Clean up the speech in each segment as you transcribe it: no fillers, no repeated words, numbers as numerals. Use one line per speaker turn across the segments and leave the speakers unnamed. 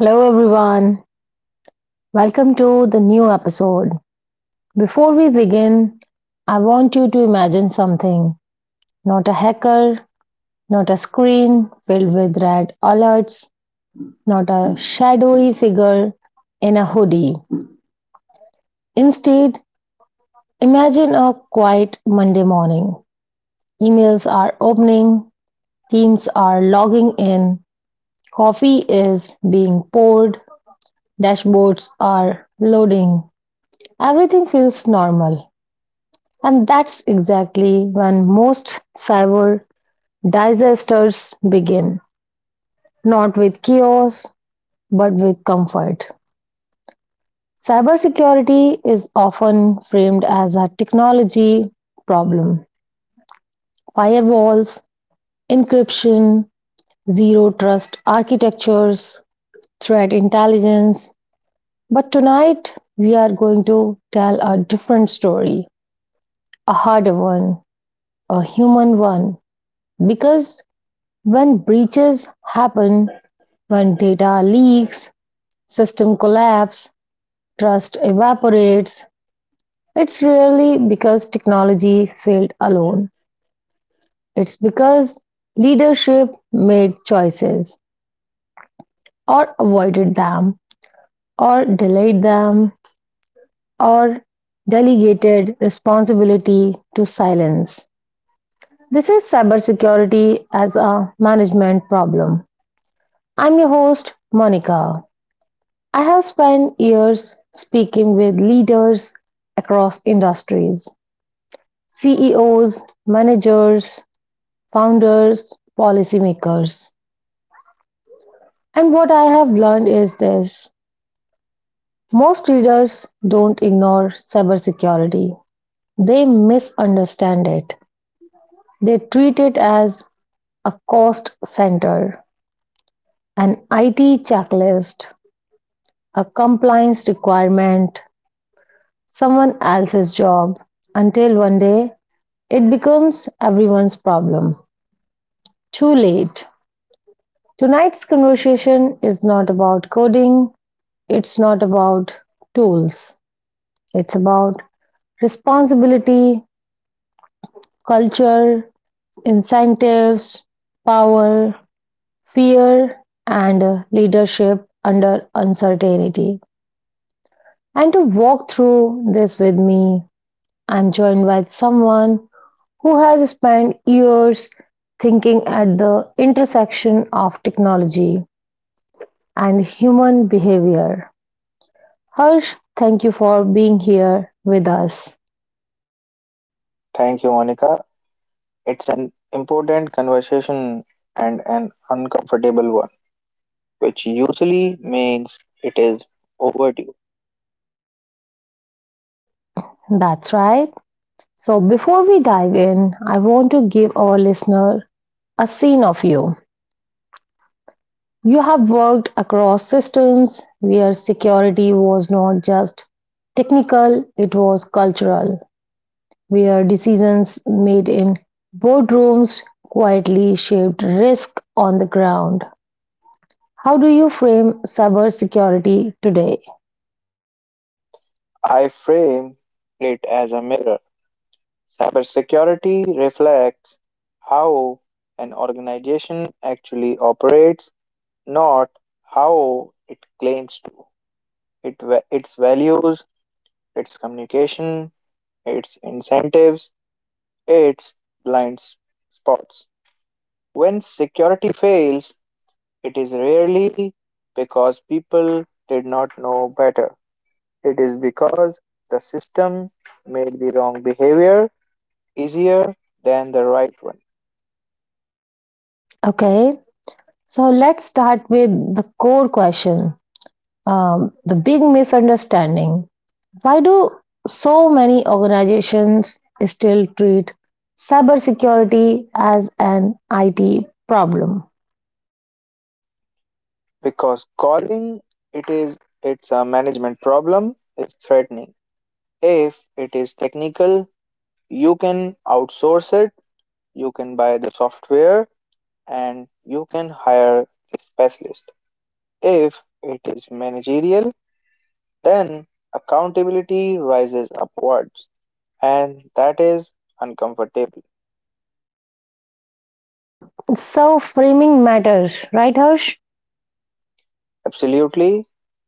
Hello, everyone. Welcome to the new episode. Before we begin, I want you to imagine something: not a hacker, not a screen filled with red alerts, not a shadowy figure in a hoodie. Instead, imagine a quiet Monday morning. Emails are opening, teams are logging in, coffee is being poured, dashboards are loading. Everything feels normal. And that's exactly when most cyber disasters begin, not with chaos, but with comfort. Cybersecurity is often framed as a technology problem. Firewalls, encryption, zero trust architectures, threat intelligence. But tonight, we are going to tell a different story, a harder one, a human one, because when breaches happen, when data leaks, system collapse, trust evaporates, it's rarely because technology failed alone. It's because leadership made choices, or avoided them, or delayed them, or delegated responsibility to silence. This is cybersecurity as a management problem. I'm your host, Monica. I have spent years speaking with leaders across industries, CEOs, managers, founders, policymakers. And what I have learned is this: most leaders don't ignore cybersecurity, they misunderstand it. They treat it as a cost center, an IT checklist, a compliance requirement, someone else's job, until one day it becomes everyone's problem. Too late. Tonight's conversation is not about coding, it's not about tools, it's about responsibility, culture, incentives, power, fear, and leadership under uncertainty. And to walk through this with me, I'm joined by someone who has spent years thinking at the intersection of technology and human behavior. Harsh, thank you for being here with us.
Thank you, Monica. It's an important conversation and an uncomfortable one, which usually means it is overdue.
That's right. So, before we dive in, I want to give our listener a scene of you. You have worked across systems where security was not just technical, it was cultural, where decisions made in boardrooms quietly shaped risk on the ground. How do you frame cybersecurity today?
I frame it as a mirror. Cybersecurity reflects how an organization actually operates, not how it claims to. Its values, its communication, its incentives, its blind spots. When security fails, it is rarely because people did not know better. It is because the system made the wrong behavior easier than the right one.
Okay, so let's start with the core question, the big misunderstanding. Why do so many organizations still treat cybersecurity as an IT problem?
Because calling it is it's a management problem is threatening. If it is technical, you can outsource it, you can buy the software and you can hire a specialist. If it is managerial, then accountability rises upwards. And that is uncomfortable.
Um, so, framing matters, right, Harsh?
Absolutely.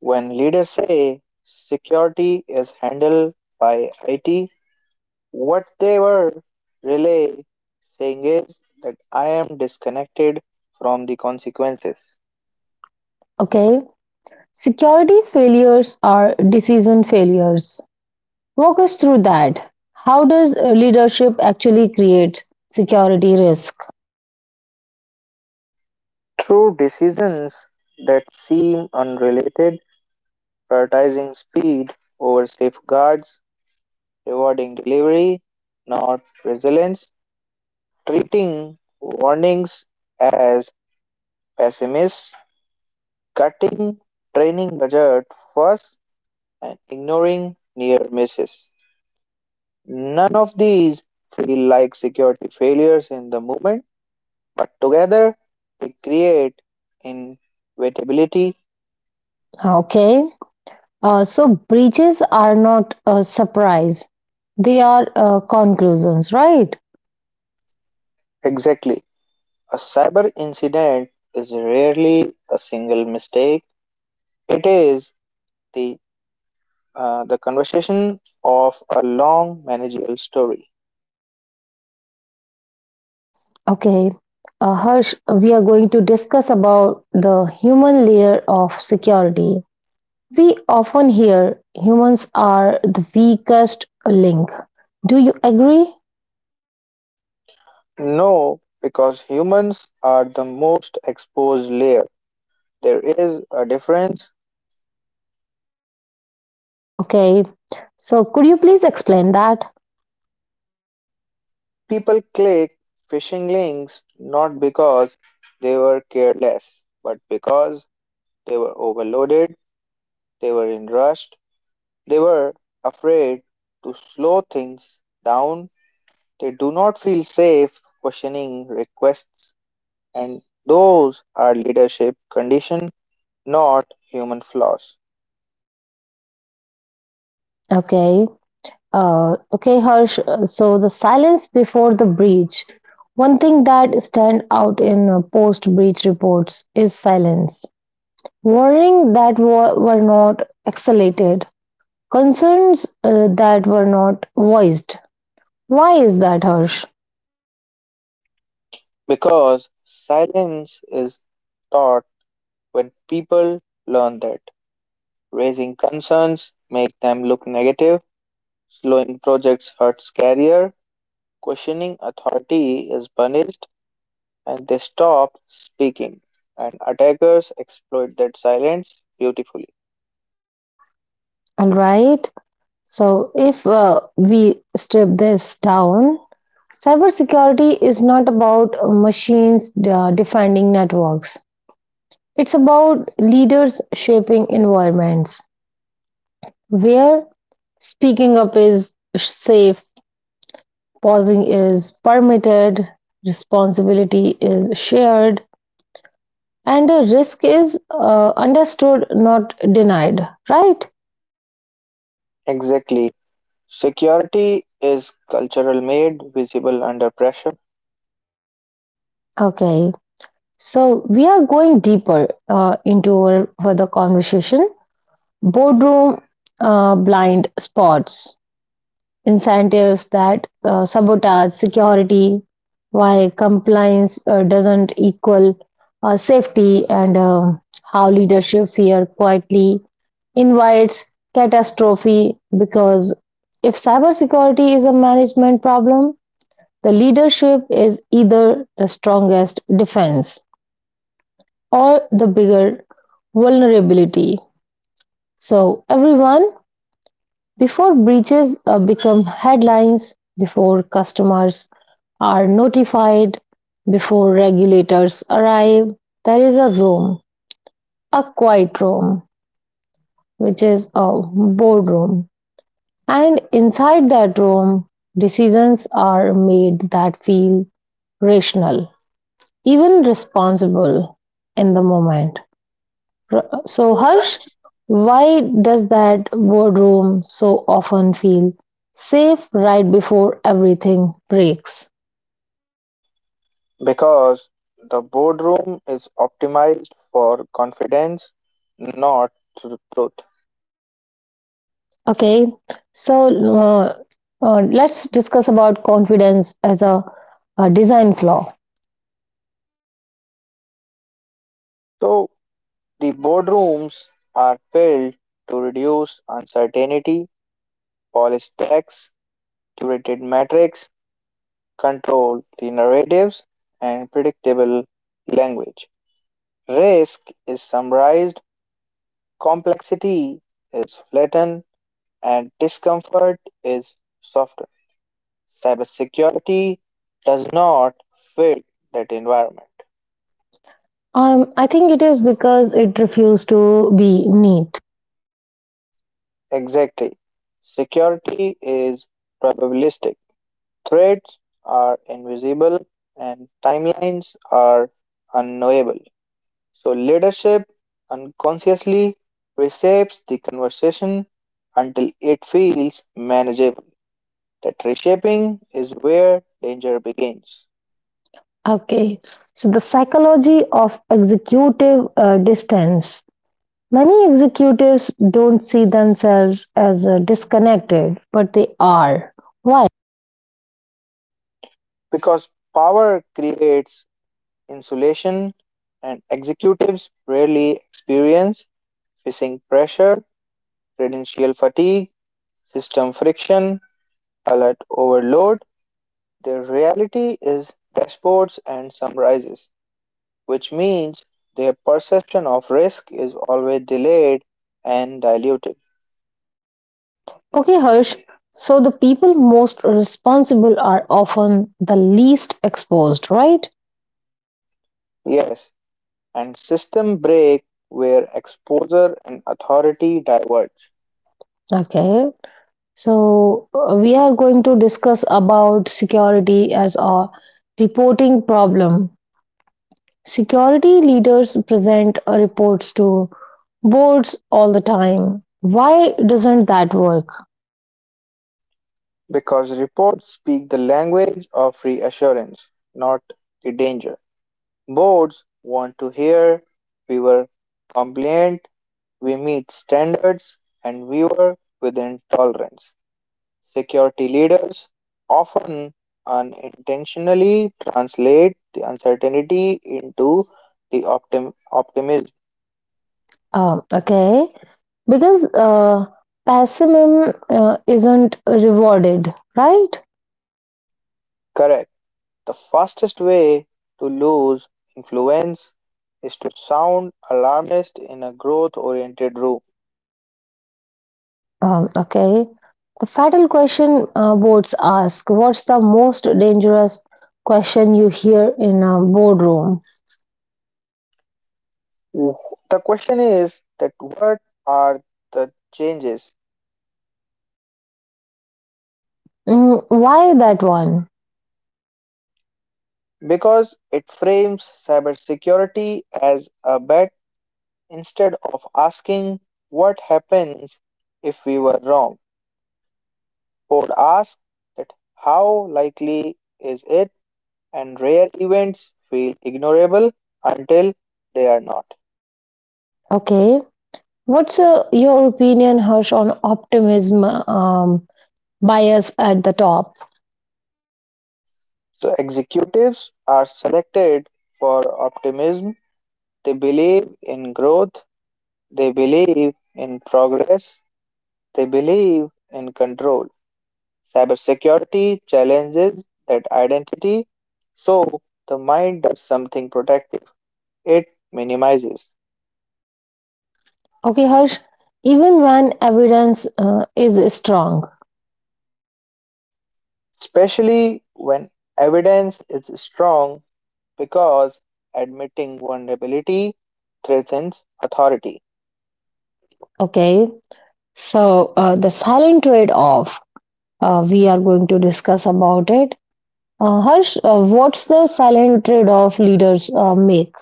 When leaders say security is handled by IT, what they were really saying is that I am disconnected from the consequences.
Okay. Security failures are decision failures. Walk us through that. How does leadership actually create security risk?
Through decisions that seem unrelated, prioritizing speed over safeguards, rewarding delivery, not resilience, treating warnings as pessimists cutting training budget first and ignoring near misses. None of these feel like security failures in the moment, but together they create inevitability.
Okay. So breaches are not a surprise; they are conclusions, right?
Exactly. A cyber incident is rarely a single mistake. It is the the conversation of a long managerial story.
Okay, Harsh, we are going to discuss about the human layer of security. We often hear humans are the weakest link. Do you agree?
No, because humans are the most exposed layer. There is a difference.
Okay, so could you please explain that?
People click phishing links not because they were careless, but because they were overloaded, they were in rush, they were afraid to slow things down. They do not feel safe questioning requests, and those are leadership condition, not human flaws.
Okay. Okay, Harsh. So the silence before the breach. One thing that stand out in post-breach reports is silence. Warning that were not escalated, concerns that were not voiced. Why is that, Harsh?
Because silence is taught. When people learn that raising concerns make them look negative, slowing projects hurts career, questioning authority is punished, and they stop speaking. And attackers exploit that silence beautifully.
All right. So if we strip this down, cybersecurity is not about machines defending networks. It's about leaders shaping environments where speaking up is safe, pausing is permitted, responsibility is shared, and a risk is understood, not denied. Right?
Exactly. Security is cultural made visible under pressure,
Okay. So we are going deeper into our further conversation. Boardroom blind spots, incentives that sabotage security, why compliance doesn't equal safety, and how leadership fear quietly invites catastrophe. Because if cybersecurity is a management problem, the leadership is either the strongest defense or the bigger vulnerability. So, everyone, before breaches become headlines, before customers are notified, before regulators arrive, there is a room, a quiet room, which is a boardroom. And inside that room, decisions are made that feel rational, even responsible in the moment. So, Harsh, why does that boardroom so often feel safe right before everything breaks?
because the boardroom is optimized for confidence, not truth.
Okay, so uh, let's discuss about confidence as a design flaw.
So the boardrooms are built to reduce uncertainty, polished text, curated metrics, control the narratives, and predictable language. Risk is summarized, complexity is flattened, and discomfort is softened. Cybersecurity does not fit that environment.
I think it is because it refused to be neat.
Exactly. Security is probabilistic. Threats are invisible and timelines are unknowable. So, leadership unconsciously reshapes the conversation until it feels manageable. That reshaping is where danger begins.
Okay, so the psychology of executive distance. Many executives don't see themselves as disconnected, but they are. Why?
Because power creates insulation, and executives rarely experience facing pressure, credential fatigue, system friction, alert overload. The reality is dashboards and summarizes, which means their perception of risk is always delayed and diluted.
Okay, Harsh. So the people most responsible are often the least exposed, right?
Yes, and system break where exposure and authority diverge,
Okay. So we are going to discuss about security as a reporting problem. Security leaders present reports to boards all the time. Why doesn't that work?
because reports speak the language of reassurance, not the danger. Boards want to hear we were compliant, we meet standards, and we were within tolerance. Security leaders often unintentionally translate the uncertainty into the optimism.
Um, okay. Because pessimism isn't rewarded, right?
Correct. The fastest way to lose influence is to sound alarmist in a growth oriented room.
Um, okay. The fatal question boards ask. What's the most dangerous question you hear in a boardroom?
The question is that what are the changes?
Mm, why that one?
Because it frames cybersecurity as a bet instead of asking what happens if we were wrong. Would ask that how likely is it, and rare events feel ignorable until they are not.
Okay. What's your opinion, Harsh, on optimism bias at the top?
So executives are selected for optimism. They believe in growth. They believe in progress. They believe in control. Cybersecurity challenges that identity. So the mind does something protective. It minimizes,
Okay, Harsh, even when evidence is strong,
especially when evidence is strong, because admitting vulnerability threatens authority.
okay? So, the silent trade off. We are going to discuss about it. Harsh, what's the silent trade-off leaders make?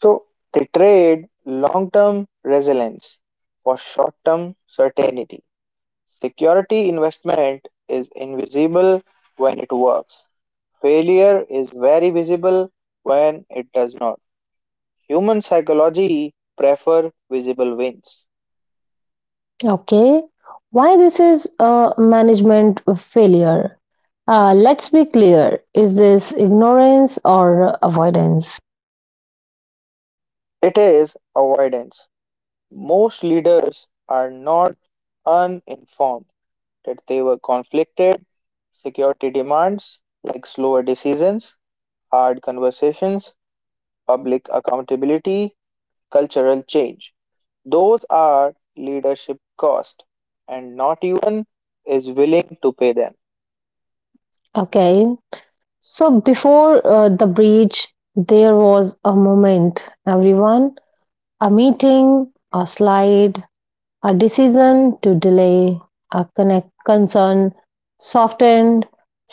So they trade long term resilience for short term certainty. Security investment is invisible when it works, failure is very visible when it does not. Human psychology prefer visible wins.
Okay, why this is a management failure? Let's be clear. Is this ignorance or avoidance?
It is avoidance. Most leaders are not uninformed that they were conflicted. Security demands like slower decisions, hard conversations, public accountability, cultural change. Those are leadership cost, and not even is willing to pay them.
Okay. So before the breach, there was a moment, everyone, a meeting, a slide, a decision to delay, a connect concern softened.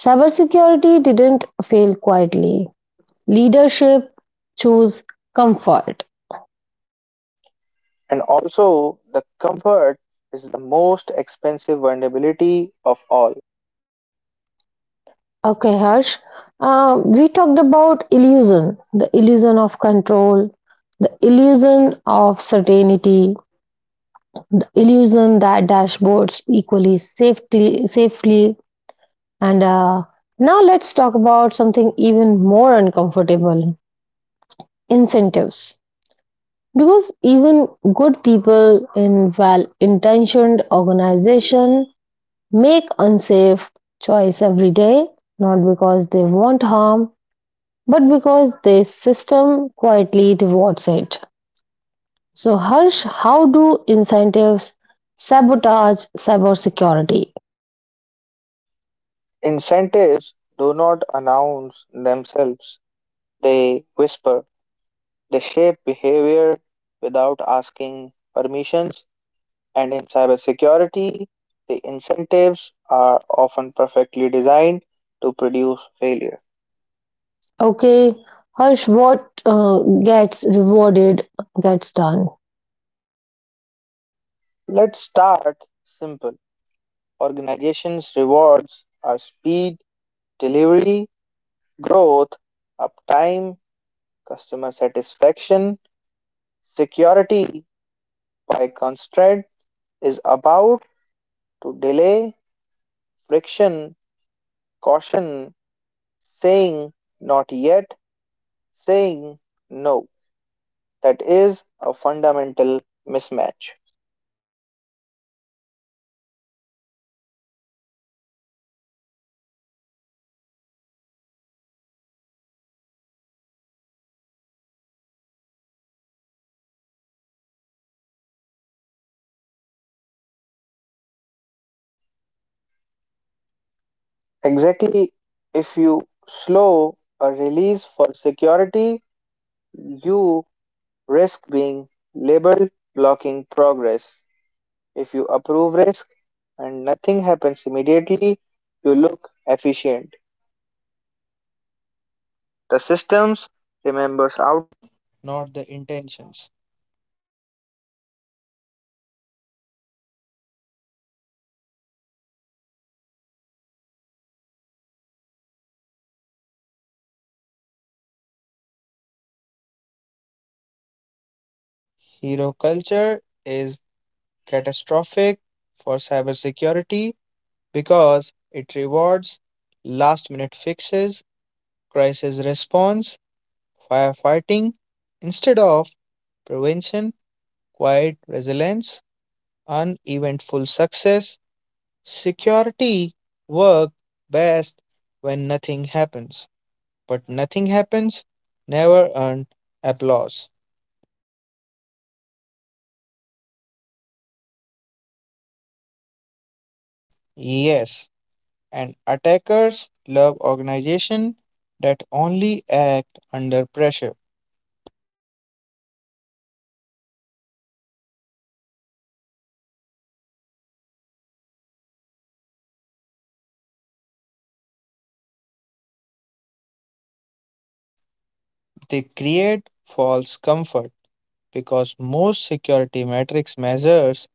Cybersecurity didn't fail quietly. Leadership chose comfort.
And also, the comfort is the most expensive vulnerability of all.
Okay, Harsh. We talked about illusion: the illusion of control, the illusion of certainty, the illusion that dashboards equally safely, and now let's talk about something even more uncomfortable: incentives. Because even good people in well intentioned organization make unsafe choice every day, not because they want harm, but because the system quietly rewards it. So, Harsh, how do incentives sabotage cybersecurity?
Incentives do not announce themselves, they whisper, they shape behavior without asking permissions. And in cybersecurity, the incentives are often perfectly designed to produce failure.
Okay, Harsh, what gets rewarded gets done.
Let's start simple. Organizations' rewards are speed, delivery, growth, uptime, customer satisfaction. Security, by constraint, is about to delay, friction, caution, saying not yet, saying no. That is a fundamental mismatch.
Okay, so the safest choice often looks like the worst career move, is it?
Exactly. If you slow a release for security, you risk being labeled blocking progress. If you approve risk and nothing happens immediately, you look efficient. The systems remembers out, not the intentions.
Uh, okay. The hero culture problem. Many organizations celebrate heroes, people who save the day. How does that affect security?
Hero culture is catastrophic for cybersecurity because it rewards last minute fixes, crisis response, firefighting, instead of prevention, quiet resilience, uneventful success. Security work best when nothing happens, but nothing happens never earned applause.
Okay, so people learn to wait for emergencies, right?
Yes, and attackers love organization that only act under pressure.
Okay, so a board love metrics, KPIs, dashboard, heat maps. So what's wrong with security metrics?
They create false comfort because most security matrix measures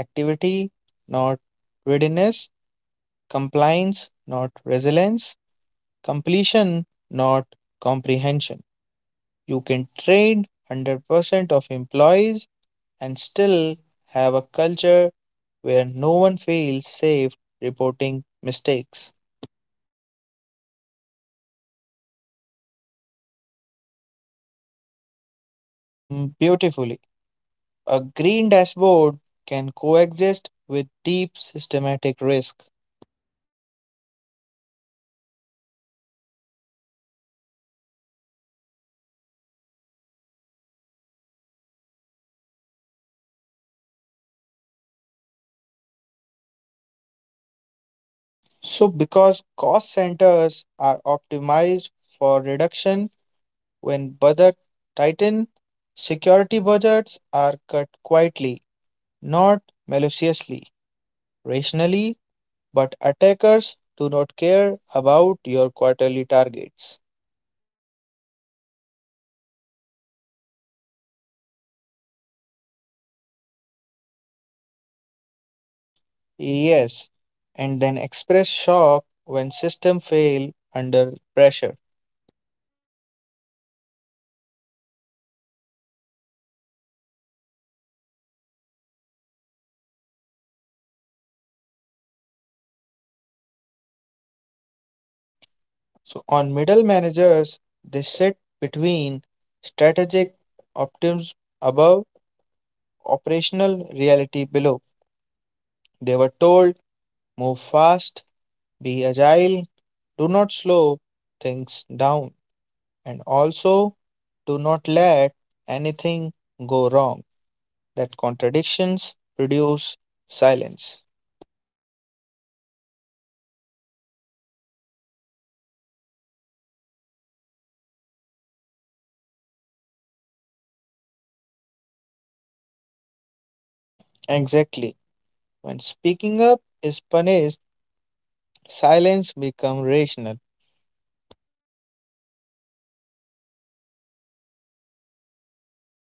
activity, not readiness, compliance, not resilience, completion, not comprehension. You can train 100% of employees and still have a culture where no one feels safe reporting mistakes.
So metrics can mask fragility.
Mm, beautifully, a green dashboard can coexist with deep systematic risk.
Okay, so let's talk about the cost center trap. Security is often framed as a cost center. Why is that dangerous?
So, because cost centers are optimized for reduction. When budget tighten, security budgets are cut quietly, not maliciously, rationally, but attackers do not care about your quarterly targets.
Uh, okay, so leaders unintentionally starve defenses.
Yes, and then express shock when system fail under pressure.
Okay, the middle manager dilemma, we are going to talk about it. Where does this pressure land more?
So on middle managers, they sit between strategic optimism above, operational reality below. They were told move fast, be agile, do not slow things down, and also do not let anything go wrong. That contradictions produce silence.
So, security failures are not caused by bad actors inside organization, they are caused by system that reward the wrong courage.
Exactly. When speaking up is punished, silence becomes rational,
Okay,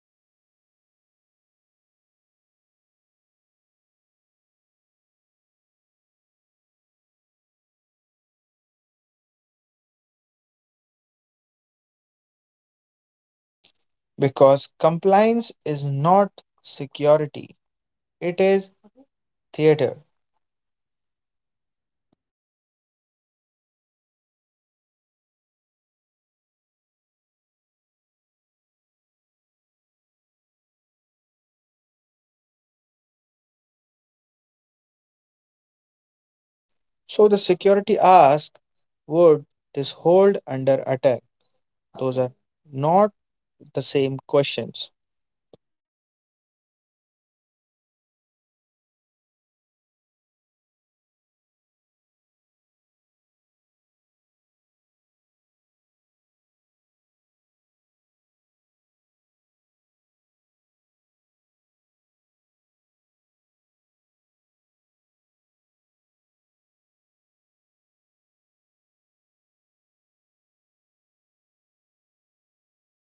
so many organizations will say we are complying. They pass audits, they meet standards, they tick boxes, and yet they still get breached. Why?
because compliance is not security, it is theater.
Okay, the performance of safety. Harsh, compliances ask, did you follow the rules?
So the security asks, would this hold under attack? Those are not the same questions.
Harsh, for being with us and have this conversation. And I really enjoyed it. And thank you so much once again. Everyone, thank you so much for staying connected. And I'm your host, Monica, signing off. Take care and bye bye.